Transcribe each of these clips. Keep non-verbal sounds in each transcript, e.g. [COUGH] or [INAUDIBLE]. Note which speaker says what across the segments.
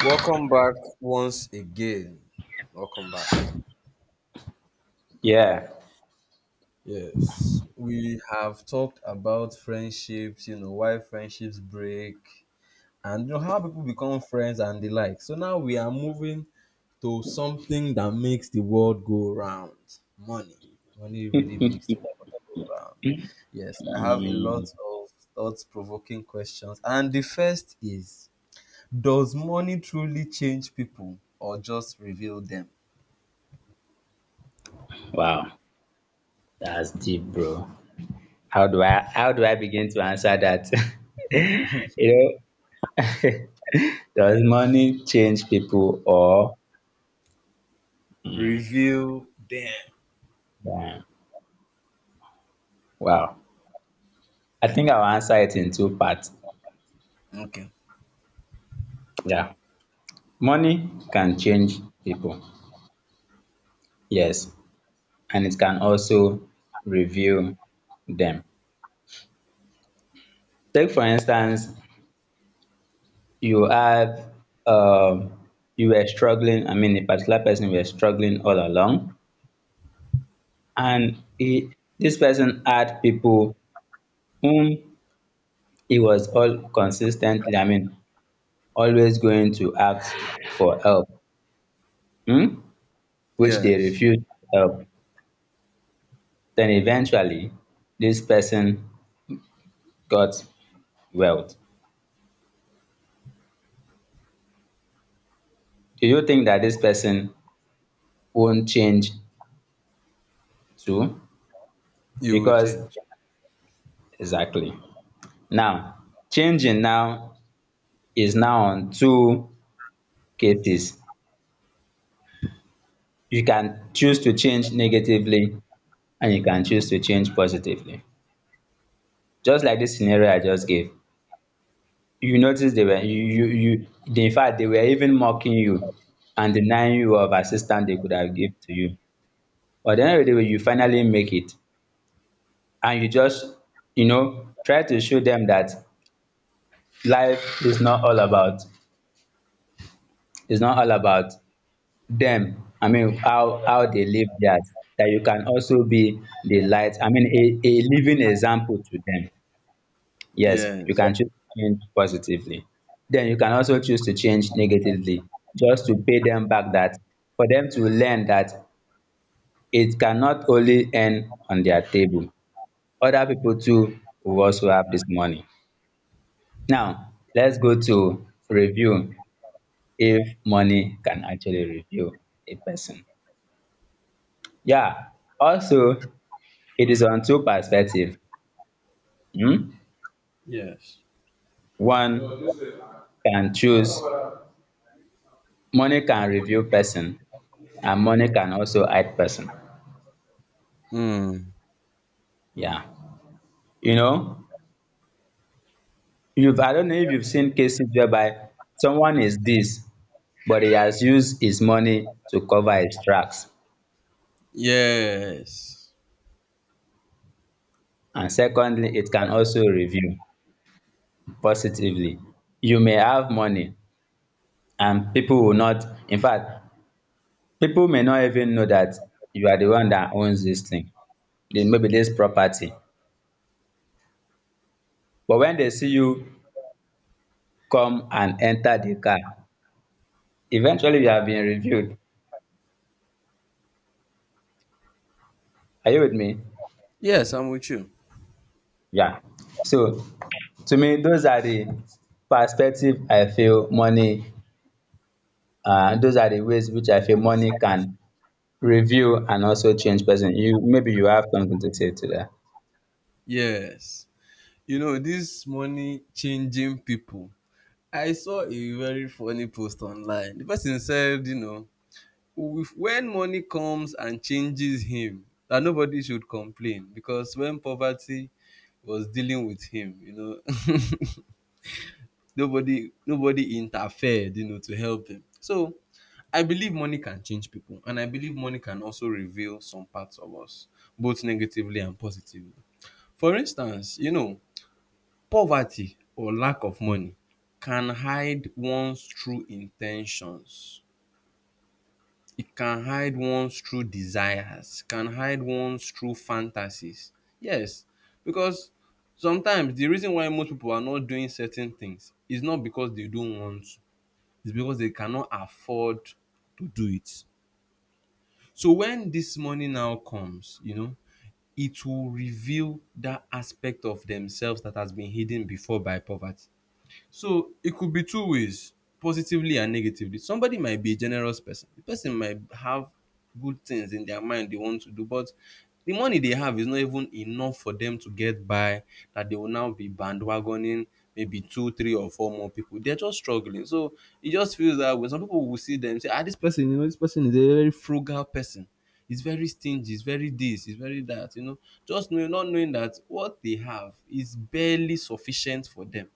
Speaker 1: Welcome back once again. Welcome back.
Speaker 2: Yeah.
Speaker 1: Yes. We have talked about friendships, you know, why friendships break, and you know how people become friends and the like. So now we are moving to something that makes the world go round. Money. Money really makes
Speaker 2: [LAUGHS]
Speaker 1: the world go round. Yes, I have a lot
Speaker 2: Mm,
Speaker 1: of thought-provoking questions, and the first is: Does money truly change people, or just reveal them?
Speaker 2: wow, that's deep, bro. How do I begin to answer that? [LAUGHS] you know, [LAUGHS] does money change people or Mm,
Speaker 1: Reveal them.
Speaker 2: damn. Wow? I think I'll answer it in two parts.
Speaker 1: Okay.
Speaker 2: Yeah. Money can change people, yes, and it can also reveal them. Take for instance, you have um, you were struggling a particular person were struggling all along and he this person had people whom he was all consistently always going to ask for help, hmm, which they
Speaker 1: Yes.
Speaker 2: refused help. Then eventually this person got wealth. Do you think that this person won't change too?
Speaker 1: You will
Speaker 2: Because
Speaker 1: change.
Speaker 2: exactly now, changing now is now on two cases. You can choose to change negatively and you can choose to change positively. Just like this scenario I just gave. You notice they were in fact they were even mocking you and denying you of assistance they could have give to you. But at the end of the day, you finally make it and you just you know try to show them that life is not all about it's not all about them, how they live theirs, that you can also be the light, a living example to them. Yes, you
Speaker 1: Yes.
Speaker 2: can choose to change positively, then you can also choose to change negatively, just to pay them back, that for them to learn that it cannot only end on their table, other people too will also have this money. Now let's go to review, if money can actually review a person. Yeah, also it is on two perspective. Um,
Speaker 1: Yes.
Speaker 2: One can choose, money can reveal person and money can also hide person.
Speaker 1: Mm.
Speaker 2: Yeah. You know, you've I don't know if you've seen cases whereby someone is this, but he has used his money to cover his tracks.
Speaker 1: Yes.
Speaker 2: And secondly, it can also reveal positively. You may have money and people will not, in fact, people may not even know that you are the one that owns this thing. Then maybe this property, but when they see you come and enter the car, eventually you have been reviewed. Are you with me?
Speaker 1: Yes, I'm with you.
Speaker 2: Yeah. So to me, those are the perspective I feel money, those are the ways which I feel money can review and also change person. You, maybe you have something to say to that.
Speaker 1: Yes. You know, this money changing people. I saw a very funny post online. The person said, you know, if, when money comes and changes him, that nobody should complain because when poverty was dealing with him, you know, [LAUGHS] nobody interfered, you know, to help him. So I believe money can change people, and I believe money can also reveal some parts of us, both negatively and positively. For instance, you know, poverty or lack of money can hide one's true intentions. It can hide one's true desires, can hide one's true fantasies. Yes, because sometimes the reason why most people are not doing certain things is not because they don't want to, is because they cannot afford to do it. So when this money now comes, you know, it will reveal that aspect of themselves that has been hidden before by poverty. So it could be two ways, positively and negatively. Somebody might be a generous person. The person might have good things in their mind they want to do, but the money they have is not even enough for them to get by, that they will now be bandwagoning maybe two, three, or four more people. They're just struggling. So it just feels that when some people will see them, say, ah, this person, you know, this person is a very frugal person. He's very stingy, he's very this, he's very that, you know. Just knowing, not knowing that what they have is barely sufficient for them.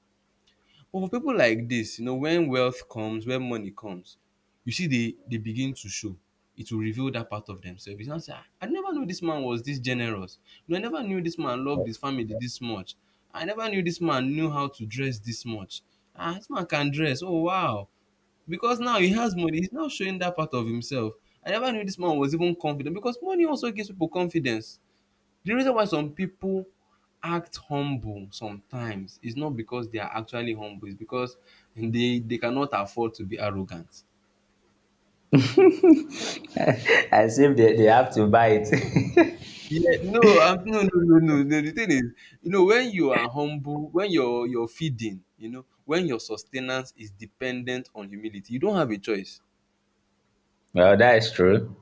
Speaker 1: But for people like this, you know, when wealth comes, when money comes, you see they begin to show. It will reveal that part of themselves. You know, say, "Ah, I never knew this man was this generous. You I never knew this man loved his family this much. I never knew this man knew how to dress this much. Ah, this man can dress. Oh wow. Because now he has money, he's now showing that part of himself. I never knew this man was even confident, because money also gives people confidence. The reason why some people act humble sometimes is not because they are actually humble, it's because they cannot afford to be arrogant.
Speaker 2: [LAUGHS] as if they they have to buy it.
Speaker 1: Yeah, no, no, no, no, no, no. The thing is, you know, when you are humble, when your feeding, you know, when your sustenance is dependent on humility, you don't have a choice.
Speaker 2: [LAUGHS] well, that is true.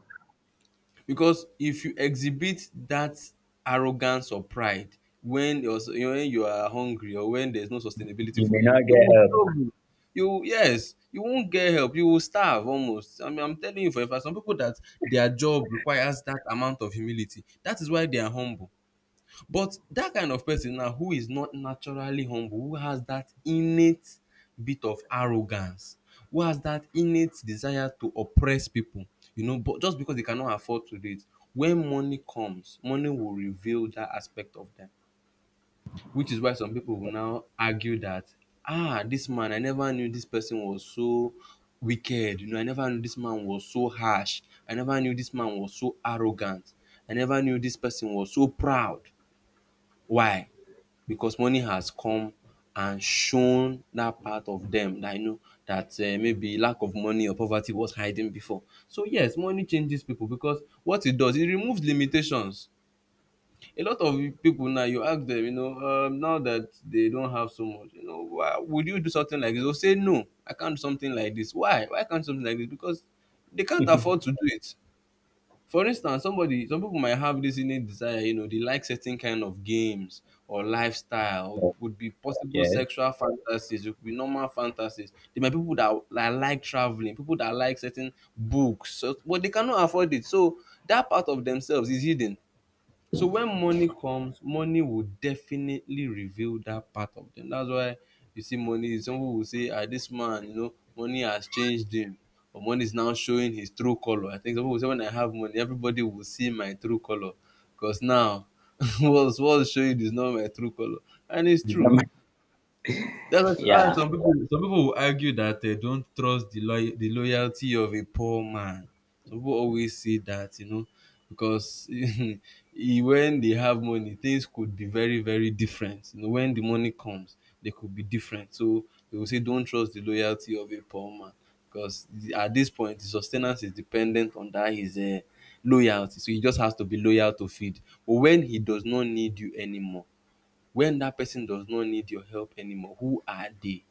Speaker 1: Because if you exhibit that arrogance or pride when you know, when you are hungry or when there's no sustainability
Speaker 2: You
Speaker 1: for
Speaker 2: may
Speaker 1: you,
Speaker 2: not
Speaker 1: you will
Speaker 2: get
Speaker 1: struggle. You yes, you won't get help. You will starve almost. I mean, I'm telling you for a fact, some people that their job requires that amount of humility. That is why they are humble. But that kind of person now who is not naturally humble, who has that innate bit of arrogance, who has that innate desire to oppress people, you know, but just because they cannot afford to do it, when money comes, money will reveal that aspect of them. Which is why some people will now argue that, ah, this man, I never knew this person was so wicked, you know, I never knew this man was so harsh, I never knew this man was so arrogant, I never knew this person was so proud. Why? Because money has come and shown that part of them, that you know that maybe lack of money or poverty was hiding before. So yes, money changes people because what it does, it removes limitations. A lot of people now, you ask them, you know, now that they don't have so much, you know, why would you do something like this? They'll say no, I can't do something like this. Why? Why can't something like this? Because they can't afford to do it. For instance, some people might have this innate desire, you know, they like certain kind of games or lifestyle. It
Speaker 2: help.
Speaker 1: would be possible sexual fantasies, it could be normal fantasies. There might be people that like traveling, people that like certain books, so, but they cannot afford it. So that part of themselves is hidden. So when money comes, money will definitely reveal that part of them. That's why you see money, some people will say, ah, this man, you know, money has changed him. Or money is now showing his true color. I think some people will say when I have money, everybody will see my true color. Because now [LAUGHS] what's showing is not my true color. And it's
Speaker 2: But
Speaker 1: true.
Speaker 2: yes.
Speaker 1: That's
Speaker 2: [LAUGHS]
Speaker 1: why why
Speaker 2: yeah.
Speaker 1: some people will argue that they don't trust the loyalty of a poor man. Some people always say that, you know, because [LAUGHS] when they have money, things could be very very different. You know, when the money comes, they could be different. So they will say, don't trust the loyalty of a poor man, because at this point, the sustenance is dependent on that his loyalty. So he just has to be loyal to feed. But when he does not need you anymore, when that person does not need your help anymore, who are they?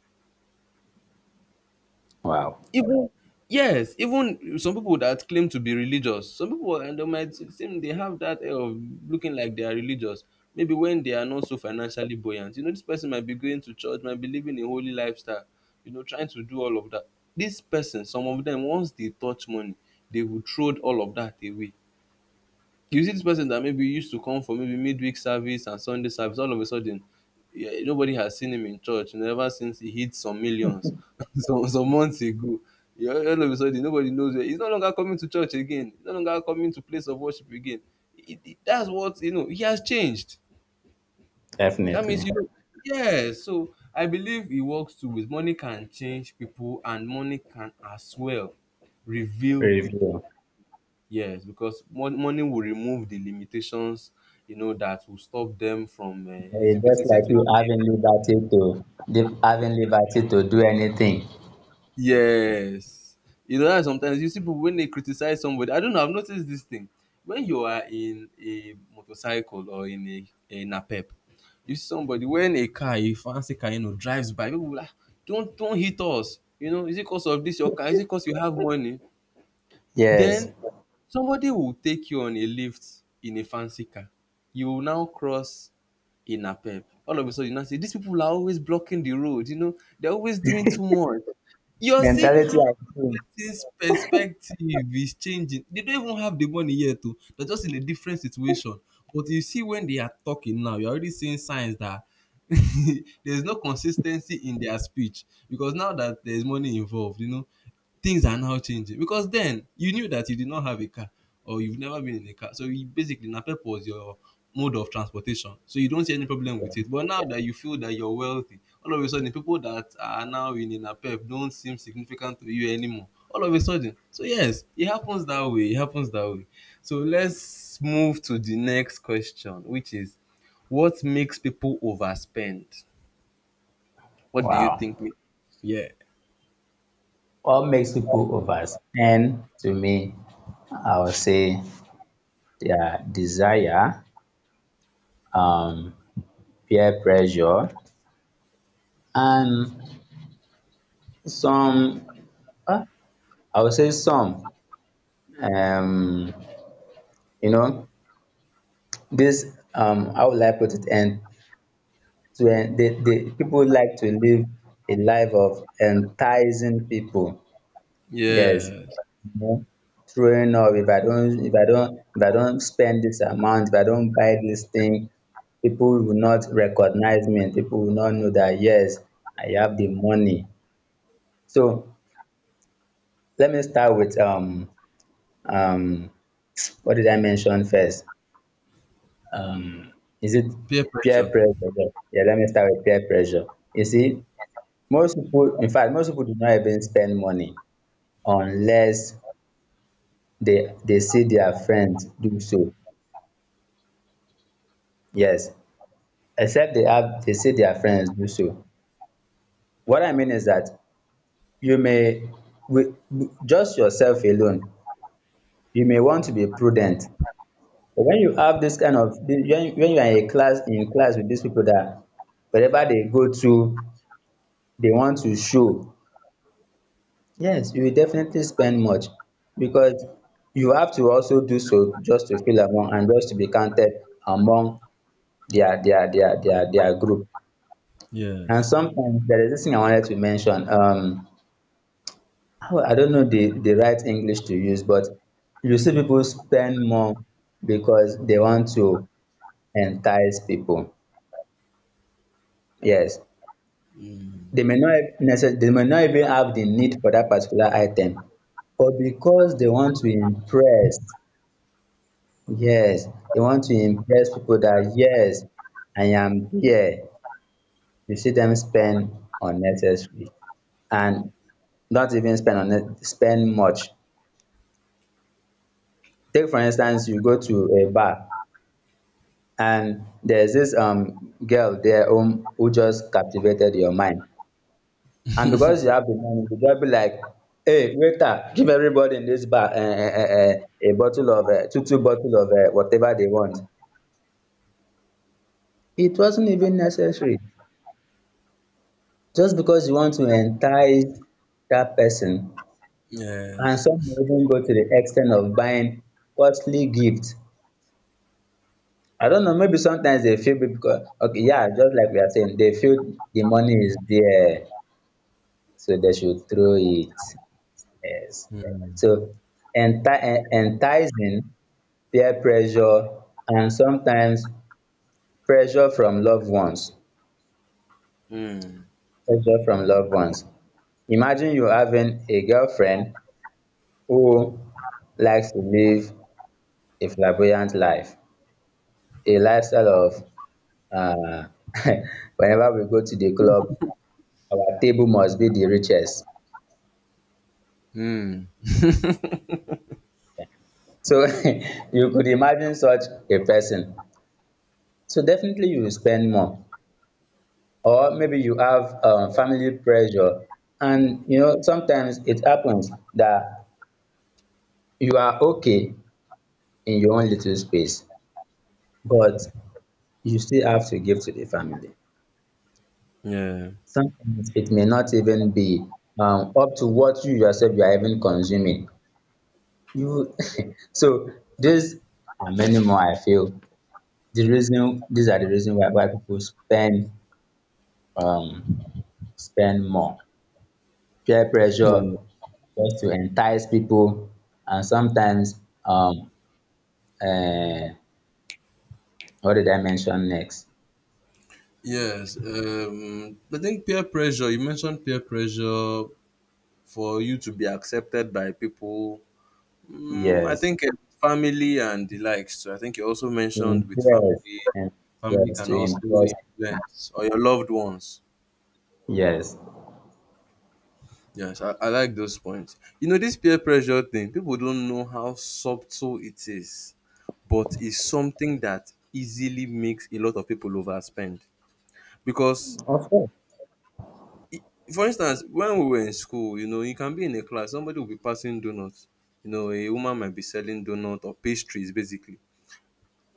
Speaker 2: Wow.
Speaker 1: Even yes, even some people that claim to be religious, some people, and they might seem they have that air of looking like they are religious. Maybe when they are not so financially buoyant, you know, this person might be going to church, might be living a holy lifestyle, you know, trying to do all of that. This person, some of them, once they touch money, they will throw all of that away. You see this person that maybe used to come for maybe midweek service and Sunday service, all of a sudden, yeah, nobody has seen him in church never since he hit some millions [LAUGHS] some months ago. Yeah, all of a sudden, nobody knows where he's no longer coming to church again. He's no longer coming to place of worship again. That's what you know. He has changed. That means
Speaker 2: Definitely.
Speaker 1: you know. Yeah. So I believe it works too. With money can change people, and money can as well reveal people.
Speaker 2: Review.
Speaker 1: Yes, because money will remove the limitations, you know, that will stop them from
Speaker 2: It's
Speaker 1: exhibiting
Speaker 2: just like
Speaker 1: certain.
Speaker 2: you having liberty to having liberty to do anything.
Speaker 1: Yes, you know that sometimes you see people when they criticize somebody. I don't know. I've noticed this thing when you are in a motorcycle or in a pep, you see somebody when a car, a fancy car, you know, drives by. People will like, "Ah, don't hit us. You know, is it because of this your car? Is it because you have money?
Speaker 2: Yes.
Speaker 1: Then somebody will take you on a lift in a fancy car. You will now cross in a Napep. All of a sudden, you now say these people are always blocking the road. You know, they're always doing too much. You're seeing
Speaker 2: Mentality
Speaker 1: how
Speaker 2: has changed.
Speaker 1: this perspective is changing. They don't even have the money yet, too. They're just in a different situation. But you see, when they are talking now, you're already seeing signs that [LAUGHS] there's no consistency in their speech, because now that there's money involved, you know. Things are now changing because then you knew that you did not have a car or you've never been in a car. So you basically Napep was your mode of transportation. So you don't see any problem with it. But now that you feel that you're wealthy, all of a sudden people that are now in a Napep don't seem significant to you anymore. All of a sudden. So yes, it happens that way. It happens that way. So let's move to the next question, which is what makes people overspend? What do you think?
Speaker 2: Wow.
Speaker 1: Yeah.
Speaker 2: What makes people overs? And to me, I would say their desire, um, peer pressure, and some, uh, I would say some. Um, you know, this how would I put it? To they, people like to live a life of enticing people. Yes.
Speaker 1: Yes.
Speaker 2: Mhm. Throwing up, if I don't, if I don't spend this amount, if I don't buy this thing, people will not recognize me, and people will not know that yes, I have the money. So let me start with um what did I mention first? Um is it
Speaker 1: Peer
Speaker 2: peer
Speaker 1: pressure.
Speaker 2: pressure? Yeah, let me start with peer pressure. You see, most people, in fact, most people do not even spend money unless they see their friends do so. Yes, except they have, they see their friends do so. What I mean is that you may, with just yourself alone, you may want to be prudent, but when you have this kind of, when you are in a class, in class with these people that wherever they go to they want to show. Yes, you will definitely spend much because you have to also do so just to feel among and just to be counted among their group. And
Speaker 1: Yes.
Speaker 2: sometimes there is this thing I wanted to mention. How, I don't know the right English to use, but you see people spend more because they want to entice people. Yes, they may not necessarily, they may not even have the need for that particular item, but because they want to impress. Yes, they want to impress people that yes, I am here. You see them spend unnecessary and not even spend on spend much. Take for instance, you go to a bar and there's this girl there who just captivated your mind. And because you have the money, you just be like, hey waiter, give everybody in this bar a bottle of, two two bottle of, whatever they want. It wasn't even necessary, just because you want to entice that person. And
Speaker 1: Yes.
Speaker 2: some may even go to the extent of buying costly gifts. I don't know, maybe sometimes they feel big because, okay, yeah, just like we are saying, they feel the money is there, so they should throw it. Yes.
Speaker 1: Mm.
Speaker 2: So enticing, peer pressure, and sometimes pressure from loved ones.
Speaker 1: Mm.
Speaker 2: Pressure from loved ones, imagine you having a girlfriend who likes to live a flamboyant life, a lifestyle of, um [LAUGHS] whenever we go to the club, our table must be the richest.
Speaker 1: Mm.
Speaker 2: So [LAUGHS] you could imagine such a person, so definitely you will spend more. Or maybe you have family pressure. And you know, sometimes it happens that you are okay in your own little space, but you still have to give to the family.
Speaker 1: Yeah.
Speaker 2: Sometimes it may not even be up to what you yourself you are even consuming. You, [LAUGHS] so these and many more, I feel the reason, these are the reason why, people spend, um spend more. Peer
Speaker 1: Yeah.
Speaker 2: pressure, just to entice people, and sometimes, uh, what did I mention next?
Speaker 1: Yes. I think peer pressure, you mentioned peer pressure for you to be accepted by people. Mm, I
Speaker 2: Yes.
Speaker 1: think family and the likes. So I think you also
Speaker 2: To
Speaker 1: mentioned with
Speaker 2: impress,
Speaker 1: family,
Speaker 2: and
Speaker 1: family
Speaker 2: yes,
Speaker 1: can
Speaker 2: to
Speaker 1: also
Speaker 2: impress.
Speaker 1: influence or your loved ones.
Speaker 2: Yes.
Speaker 1: Yes, I like those points. You know, this peer pressure thing, people don't know how subtle it is. But it's something that easily makes a lot of people overspend because
Speaker 2: Of course.
Speaker 1: i- for instance, when we were in school, you can be in a class, somebody will be passing donuts. A woman might be selling donuts or pastries basically.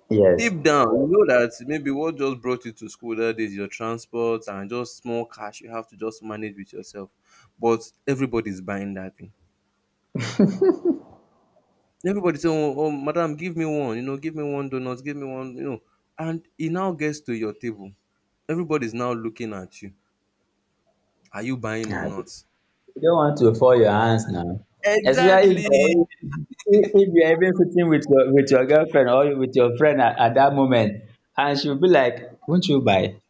Speaker 2: Yes.
Speaker 1: Deep down, you know that maybe what just brought you to school, that is your transport and just small cash you have to just manage with yourself. But everybody's buying that thing. Everybody say, oh, oh, madam, give me one. Give me one donut. Give me one. And he now gets to your table. Everybody's now looking at you. Are you buying or
Speaker 2: Ah,
Speaker 1: not?
Speaker 2: you don't want to fall your hands now. Especially if
Speaker 1: Exactly.
Speaker 2: you're, if you are even sitting with your, with your girlfriend or with your friend at that moment, and she will be like, won't you buy?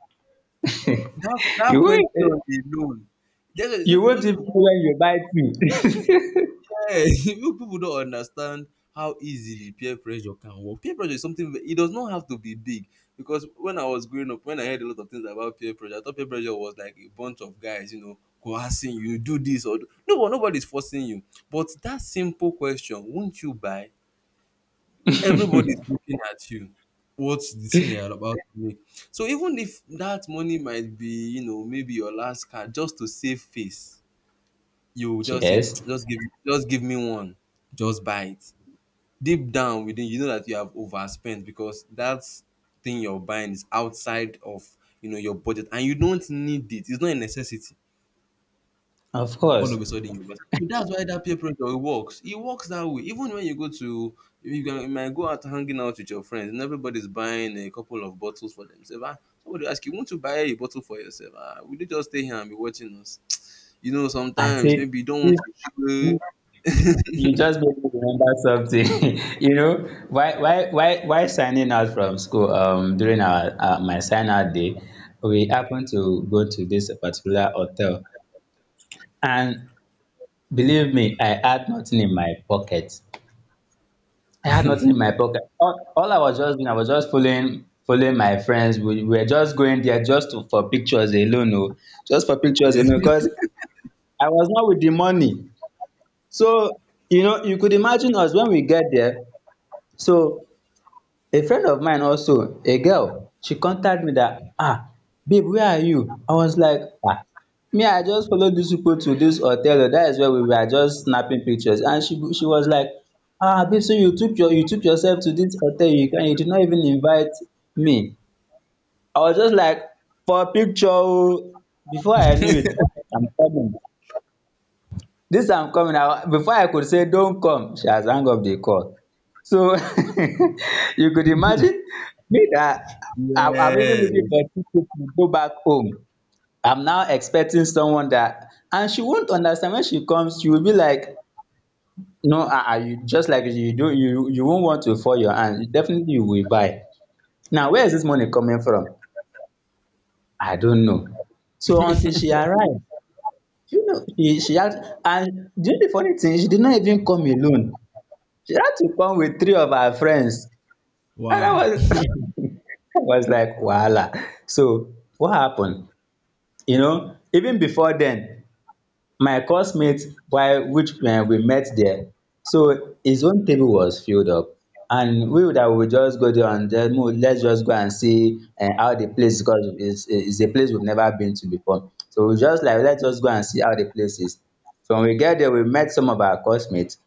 Speaker 1: that
Speaker 2: [LAUGHS] you
Speaker 1: that question
Speaker 2: won't,
Speaker 1: alone, tell
Speaker 2: you won't even know when you buy too.
Speaker 1: hey, [LAUGHS] you people don't understand how easily peer pressure can work. Peer pressure is something that it does not have to be big, because when I was growing up, when I heard a lot of things about peer pressure, I thought peer pressure was like a bunch of guys, coercing you, do this or do. No, but nobody's forcing you. But that simple question, won't you buy? Everybody's looking at you. What's the thing you're about to make? So even if that money might be, maybe your last card, just to save face, you will
Speaker 2: [LAUGHS]
Speaker 1: just say,
Speaker 2: yes,
Speaker 1: "Mm, just give me one. Just buy it." Deep down within, you know that you have overspent because that thing you're buying is outside of your budget, and you don't need it. It's not a necessity.
Speaker 2: of
Speaker 1: All
Speaker 2: course.
Speaker 1: of a sudden, you overspend. So that's why that peer pressure works. It works that way. Even when you go to you can you might go out hanging out with your friends and everybody's buying a couple of bottles for themselves, ah, somebody will ask, you want to buy a bottle for yourself? Ah, will you just stay here and be watching us?
Speaker 2: I say
Speaker 1: Sometimes maybe you don't want
Speaker 2: this
Speaker 1: to
Speaker 2: this this,
Speaker 1: show.
Speaker 2: you just make me remember something. [LAUGHS] you know, why signing out from school, during our, my sign out day, we happened to go to this particular hotel, and believe me, I had nothing in my pocket. All I was just doing, I was just following my friends. We were just going there just to, for pictures alone, oh, just for
Speaker 1: [LAUGHS]
Speaker 2: pictures
Speaker 1: Yeah.
Speaker 2: alone, because I was not with the money. So you know, you could imagine us when we get there. So a friend of mine, also a girl, she contact me dat, babe, where are you? I was like, um me, I just follow dis people to dis hotel oo, dat is where we were just snapping pictures. And she was like, babe, so you took you took yourself to dis hotel, you, and you did not even invite me? I was just like, for picture oo. Before I knew it, I'm coming. This I'm coming na, before I could say don't come, she has hung up the call. So [LAUGHS] you could imagine me that I, I'm even looking
Speaker 1: Yes.
Speaker 2: for ticket to go back home, I'm now expecting someone, that and she won't understand. When she comes, she will be like, no, ah ah, you just like you do, you won't want to fall your hand, you definitely, you will buy. Now where is this money coming from? I don't know. So until she arrive, you know, she had, and do you know the funny thing? She did not even come alone. She had to come with three of her friends. And I
Speaker 1: Wow.
Speaker 2: was, [LAUGHS] I was like, wahala. So what happened? You know, even before then, my coursemate, while which when we met there, so his own table was filled up. And we would I would just go there and just, "Mo, let's just go and see how the place is, because it's a place we've never been to before. So we just like, let's just go and see how the place is." So when we get there, we met some of our course mates,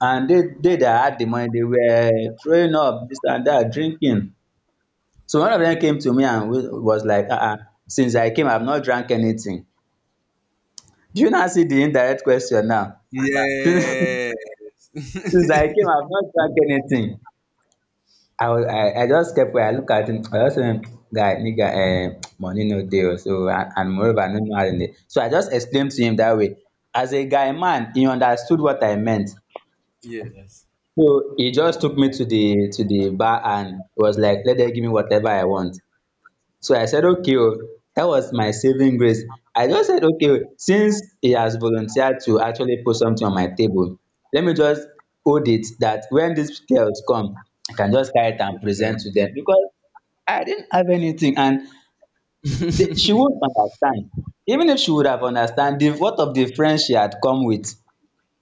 Speaker 2: and they that had the money, they were throwing up this and that, drinking. So one of them came to me and was like, since I came, I've not drank anything. Do you not see the indirect question now? [LAUGHS] since
Speaker 1: Yeah.
Speaker 2: since I came, I've not drank anything. I just kept quiet, I look at him, I just say, guy, nigga, money no deal.' So and moreover, I no know how to. So I just explained to him that way. As a guy man, he understood what I meant.
Speaker 1: Yeah. Yes.
Speaker 2: So he just took me to the bar, and was like, let them give me whatever I want. So I said, okay, oh, that was my saving grace. I just said, okay, oh, since he has volunteered to actually put something on my table, let me just hold it, that when these girls come, I can just carry it and
Speaker 1: Yeah.
Speaker 2: present to them, because I didn't have anything. And she won't understand. Even if she would have understand, the what of the friends she had come with.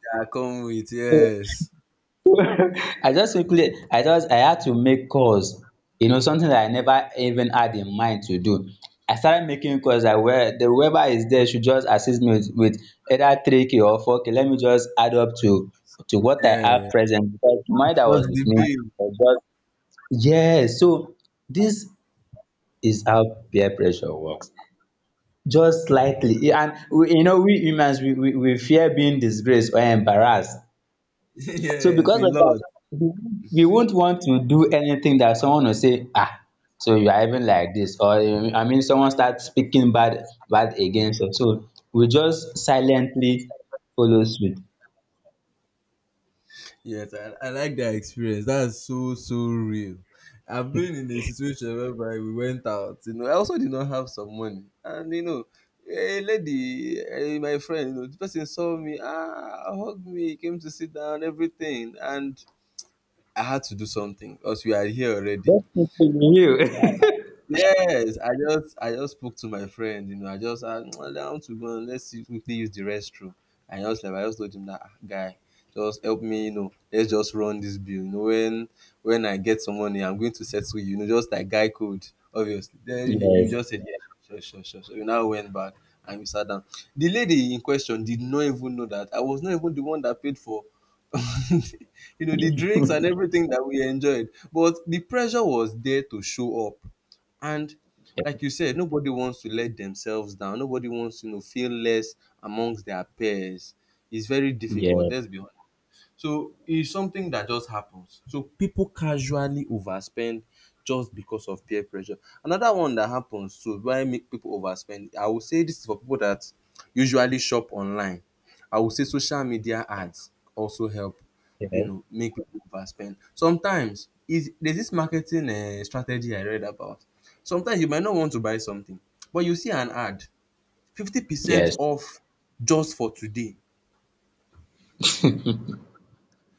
Speaker 1: Yeah. Come with,
Speaker 2: So,
Speaker 1: yes.
Speaker 2: I just simply, I just, I had to make calls. You know, something that I never even had in mind to do. I started making calls. I where the whoever is there should just assist me with, either 3k or 4k. Let me just add up to what I have
Speaker 1: Yeah.
Speaker 2: present, because the money that
Speaker 1: Sort
Speaker 2: was
Speaker 1: the
Speaker 2: with me
Speaker 1: bill.
Speaker 2: was just. Yes. So this is how peer pressure works. Just slightly, and we, you know, we humans we fear being disgraced or embarrassed.
Speaker 1: [LAUGHS]
Speaker 2: So
Speaker 1: Yes,
Speaker 2: because
Speaker 1: a
Speaker 2: of that,
Speaker 1: lot.
Speaker 2: we won't want to do anything that someone will say, ah, so you are even like this, or, I mean, someone starts speaking bad bad against us. So we just silently follow suit.
Speaker 1: Yes, I like that experience. That's so real. I've been in a situation whereby we went out. I also did not have some money, and a lady, my friend, the person saw me, hugged me, came to sit down, everything, and I had to do something because we are here already.
Speaker 2: That's you. [LAUGHS]
Speaker 1: Yes, I just spoke to my friend. I just no, I want to go and let's see, quickly use the restroom. I just told him that, "Ah, guy, just help me. Let's just run this bill. When I get some money, I'm going to settle you, just like guy code, obviously." Then he
Speaker 2: Yes,
Speaker 1: just said, "Yeah, sure, sure, sure." So we now went back and we sat down. The lady in question did not even know that I was not even the one that paid for [LAUGHS] the drinks and everything that we enjoyed. But the pressure was there to show up, and, like you said, nobody wants to let themselves down. Nobody wants to feel less amongst their peers. It's very difficult.
Speaker 2: yes,
Speaker 1: Let's be honest. So it's something that just happens. So people casually overspend just because of peer pressure. Another one that happens to why make people overspend, I would say, this is for people that usually shop online. I would say social media ads also help,
Speaker 2: yes,
Speaker 1: make people overspend. Sometimes is there's this marketing strategy I read about. Sometimes you might not want to buy something, but you see an ad, 50%
Speaker 2: yes.
Speaker 1: off just for today.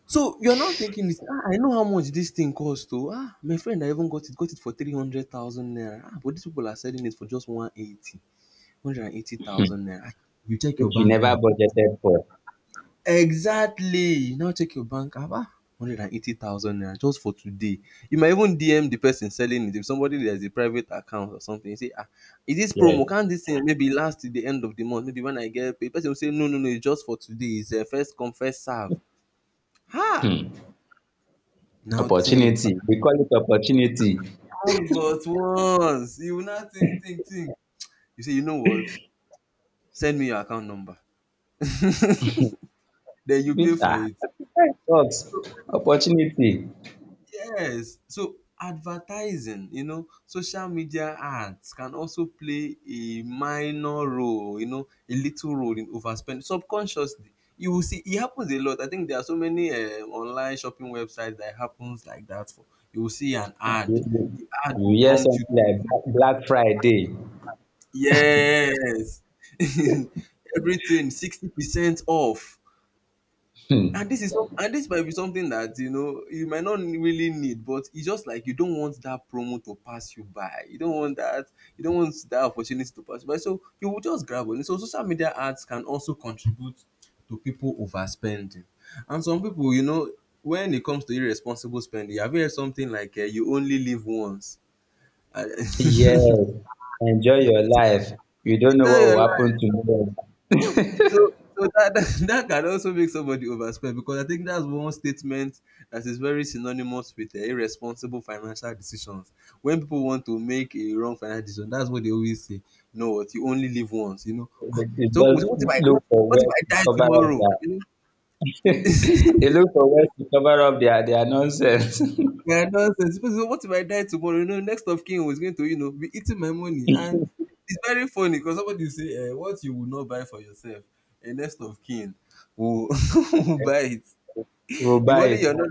Speaker 1: So, you're now thinking this, "Ah, I know how much this thing cost oh. Ah, my friend, I even got it for 300,000 naira. Ah, but these people are selling it for just 180, one hundred and eighty
Speaker 2: Hmm.
Speaker 1: thousand naira." Ah, you check your
Speaker 2: Which you
Speaker 1: bank
Speaker 2: never
Speaker 1: app.
Speaker 2: budgeted for.
Speaker 1: Exactly. You now check your bank app. Ah, 180,000 naira just for today. You might even DM the person selling it. If somebody that has a private account or something, you say, "Ah, is this promo?
Speaker 2: Yes.
Speaker 1: Can't this thing maybe last till the end of the month? Maybe when I get paid?" Person will say, "No, no, no. It's just for today. It's a first come, first serve." Ha.
Speaker 2: Hmm.
Speaker 1: Now think.
Speaker 2: Opportunity. We call it opportunity.
Speaker 1: All but once. You will not think, think, think. You say, you know what? Send me your account number. [LAUGHS] Then you pay
Speaker 2: If-
Speaker 1: for
Speaker 2: Ah,
Speaker 1: it.
Speaker 2: [LAUGHS] that sucks. Opportunity.
Speaker 1: Yes. So advertising, social media ads can also play a minor role, a little role in overspending subconsciously. You will see it happens a lot. I think there are so many online shopping websites that happens like that. For you will see an
Speaker 2: You
Speaker 1: ad.
Speaker 2: you
Speaker 1: The ad will
Speaker 2: you hear
Speaker 1: prompt you.
Speaker 2: something like Black Friday.
Speaker 1: Yes. [LAUGHS] Everything 60% off.
Speaker 2: Hmm.
Speaker 1: And this might be something that, you might not really need, but it's just like you don't want that promo to pass you by. You don't want that opportunity to pass you by. So you will just grab on it. So social media ads can also contribute to people overspending. And some people, when it comes to irresponsible spending, have you heard something like you only live once? [LAUGHS] Enjoy
Speaker 2: Yes. Enjoy your life. You don't know what
Speaker 1: your
Speaker 2: will happen tomorrow.
Speaker 1: So so that that [LAUGHS] that can also make somebody overspend because I think that's one statement that is very synonymous with irresponsible financial decisions. When people want to make a wrong financial decision, that's what they always say. No, what you only live once,
Speaker 2: They
Speaker 1: So
Speaker 2: just look for
Speaker 1: what if
Speaker 2: where
Speaker 1: I
Speaker 2: to
Speaker 1: die
Speaker 2: cover
Speaker 1: tomorrow?
Speaker 2: up
Speaker 1: You
Speaker 2: their [LAUGHS] they
Speaker 1: know?
Speaker 2: look
Speaker 1: [LAUGHS]
Speaker 2: for where to cover up their nonsense. [LAUGHS]
Speaker 1: Yeah, nonsense. People say, what if I die tomorrow? You know, next of kin was going to, be eating my money. And it's very funny because somebody say, what you will not buy for yourself, a next of kin will, [LAUGHS] will buy it.
Speaker 2: We'll
Speaker 1: The
Speaker 2: buy
Speaker 1: money
Speaker 2: it.
Speaker 1: you're not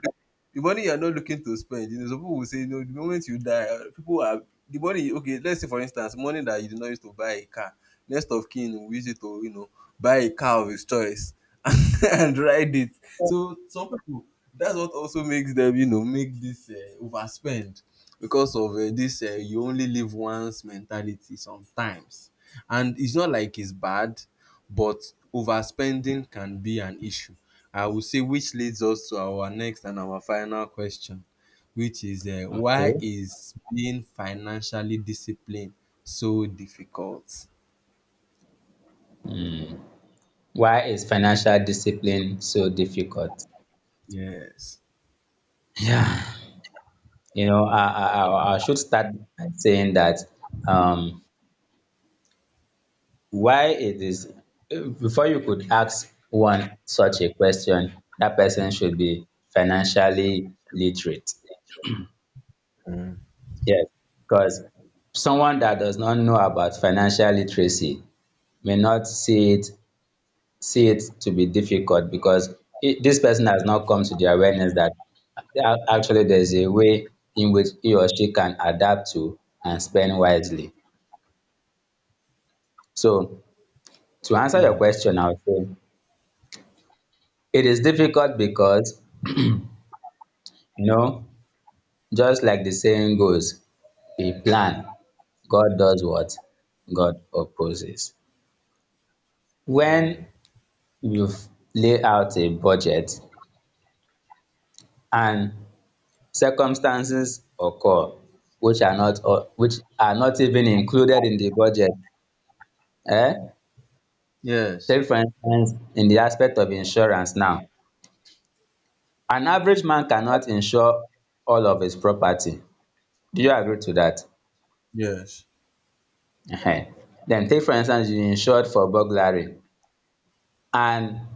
Speaker 1: the money you're not looking to spend, some people will say, no, the moment you die, people are the money. Okay, let's say for instance, money that you did not use to buy a car, next of kin will use it to, buy a car of his choice [LAUGHS] and ride it. So some people, that's what also makes them, make this overspend because of this you only live once mentality sometimes, and it's not like it's bad, but overspending can be an issue. I would say, which leads us to our next and our final question, which is, why
Speaker 2: Okay.
Speaker 1: is being financially disciplined so difficult?
Speaker 2: Why is financial discipline so difficult?
Speaker 1: Yes.
Speaker 2: Yeah. You know, I should start by saying that um why it is before you could ask one such a question, that person should be financially literate.
Speaker 1: Mm.
Speaker 2: Yes, because someone that does not know about financial literacy may not see it to be difficult because this person has not come to the awareness that actually there's a way in which he or she can adapt to and spend wisely. So to answer your
Speaker 1: Yes.
Speaker 2: question, I would say it is difficult because, you know, just like the saying goes, we plan, God does what God opposes.
Speaker 1: Yeah.
Speaker 2: When you lay out a budget and circumstances occur which are not, or which are not even included in the budget, eh
Speaker 1: Yes.
Speaker 2: take for instance in the aspect of insurance now, an average man cannot insure all of his property. Do you agree to that?
Speaker 1: Yes.
Speaker 2: um then take for instance you insured for burglary, and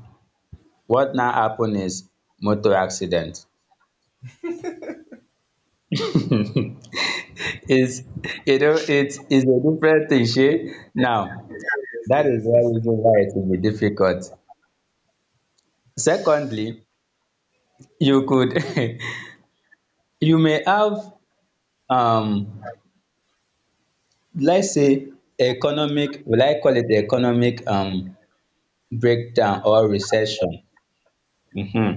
Speaker 2: what now happen is motor accident. Is, you know, it's a different thing shey. Now that is
Speaker 1: Yes,
Speaker 2: one
Speaker 1: yes.
Speaker 2: reason why it will be difficult. Secondly, you could [LAUGHS] you may have, um let's say, economic, will I call it economic breakdown or recession. Mhm.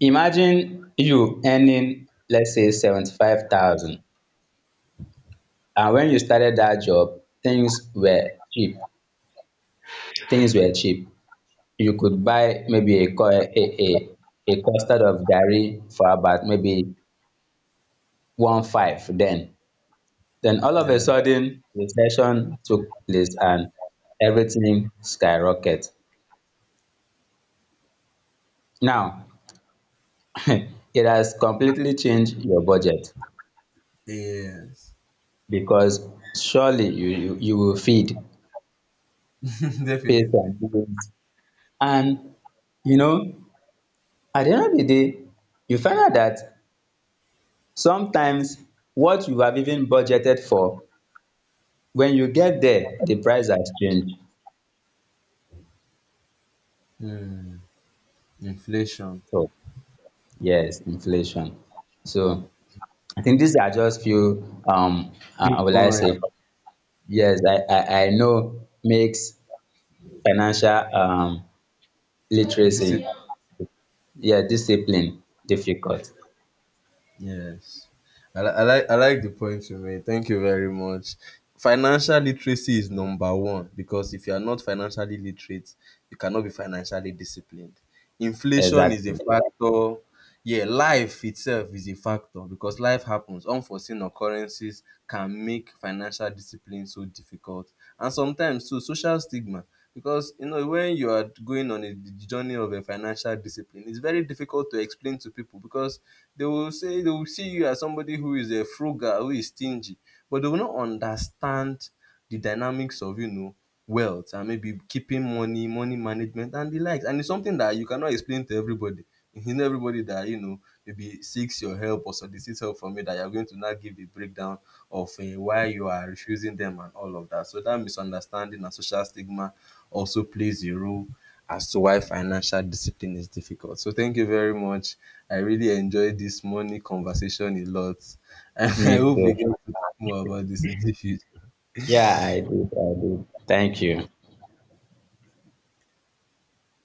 Speaker 2: Imagine you earning, let's say, 75,000, and when you started that job, things were cheap, things were cheap. You could buy maybe a cu- a custard of garri for about maybe one five then. Then all of a
Speaker 1: Yeah.
Speaker 2: sudden, recession took place, and everything skyrocket. Now, [LAUGHS] it has completely changed your budget,
Speaker 1: Yes.
Speaker 2: because surely you will feed,
Speaker 1: [LAUGHS]
Speaker 2: pay
Speaker 1: Definitely.
Speaker 2: some bills, and, you know, at the end of the day, you find out that sometimes what you have even budgeted for, when you get there, the price has changed.
Speaker 1: Hmm. Inflation.
Speaker 2: So yes, inflation. So I think these are just few
Speaker 1: Good
Speaker 2: will I say,
Speaker 1: point.
Speaker 2: yes, I know makes financial literacy, yeah, discipline difficult.
Speaker 1: Yes. I like the point you made. Thank you very much. Financial literacy is number one because if you are not financially literate, you cannot be financially disciplined. Inflation is a
Speaker 2: Exactly.
Speaker 1: factor. Yeah, life itself is a factor because life happens. Unforeseen occurrences can make financial discipline so difficult. And sometimes too, social stigma, because when you are going on a journey of a financial discipline, it's very difficult to explain to people because they will see you as somebody who is a frugal, who is stingy, but they will not understand the dynamics of, wealth, and maybe keeping money, money management and the likes. And it's something that you cannot explain to everybody. It's not everybody that maybe seeks your help or solicits help from you that you're going to now give a breakdown of why you are refusing them and all of that. So that misunderstanding and social stigma also plays a role as to why financial discipline is difficult. So thank you very much. I really enjoyed this money conversation a lot. [LAUGHS] And
Speaker 2: Me
Speaker 1: I hope we
Speaker 2: too.
Speaker 1: get to talk more about this in the future.
Speaker 2: Yeah, I do, I do. Thank you.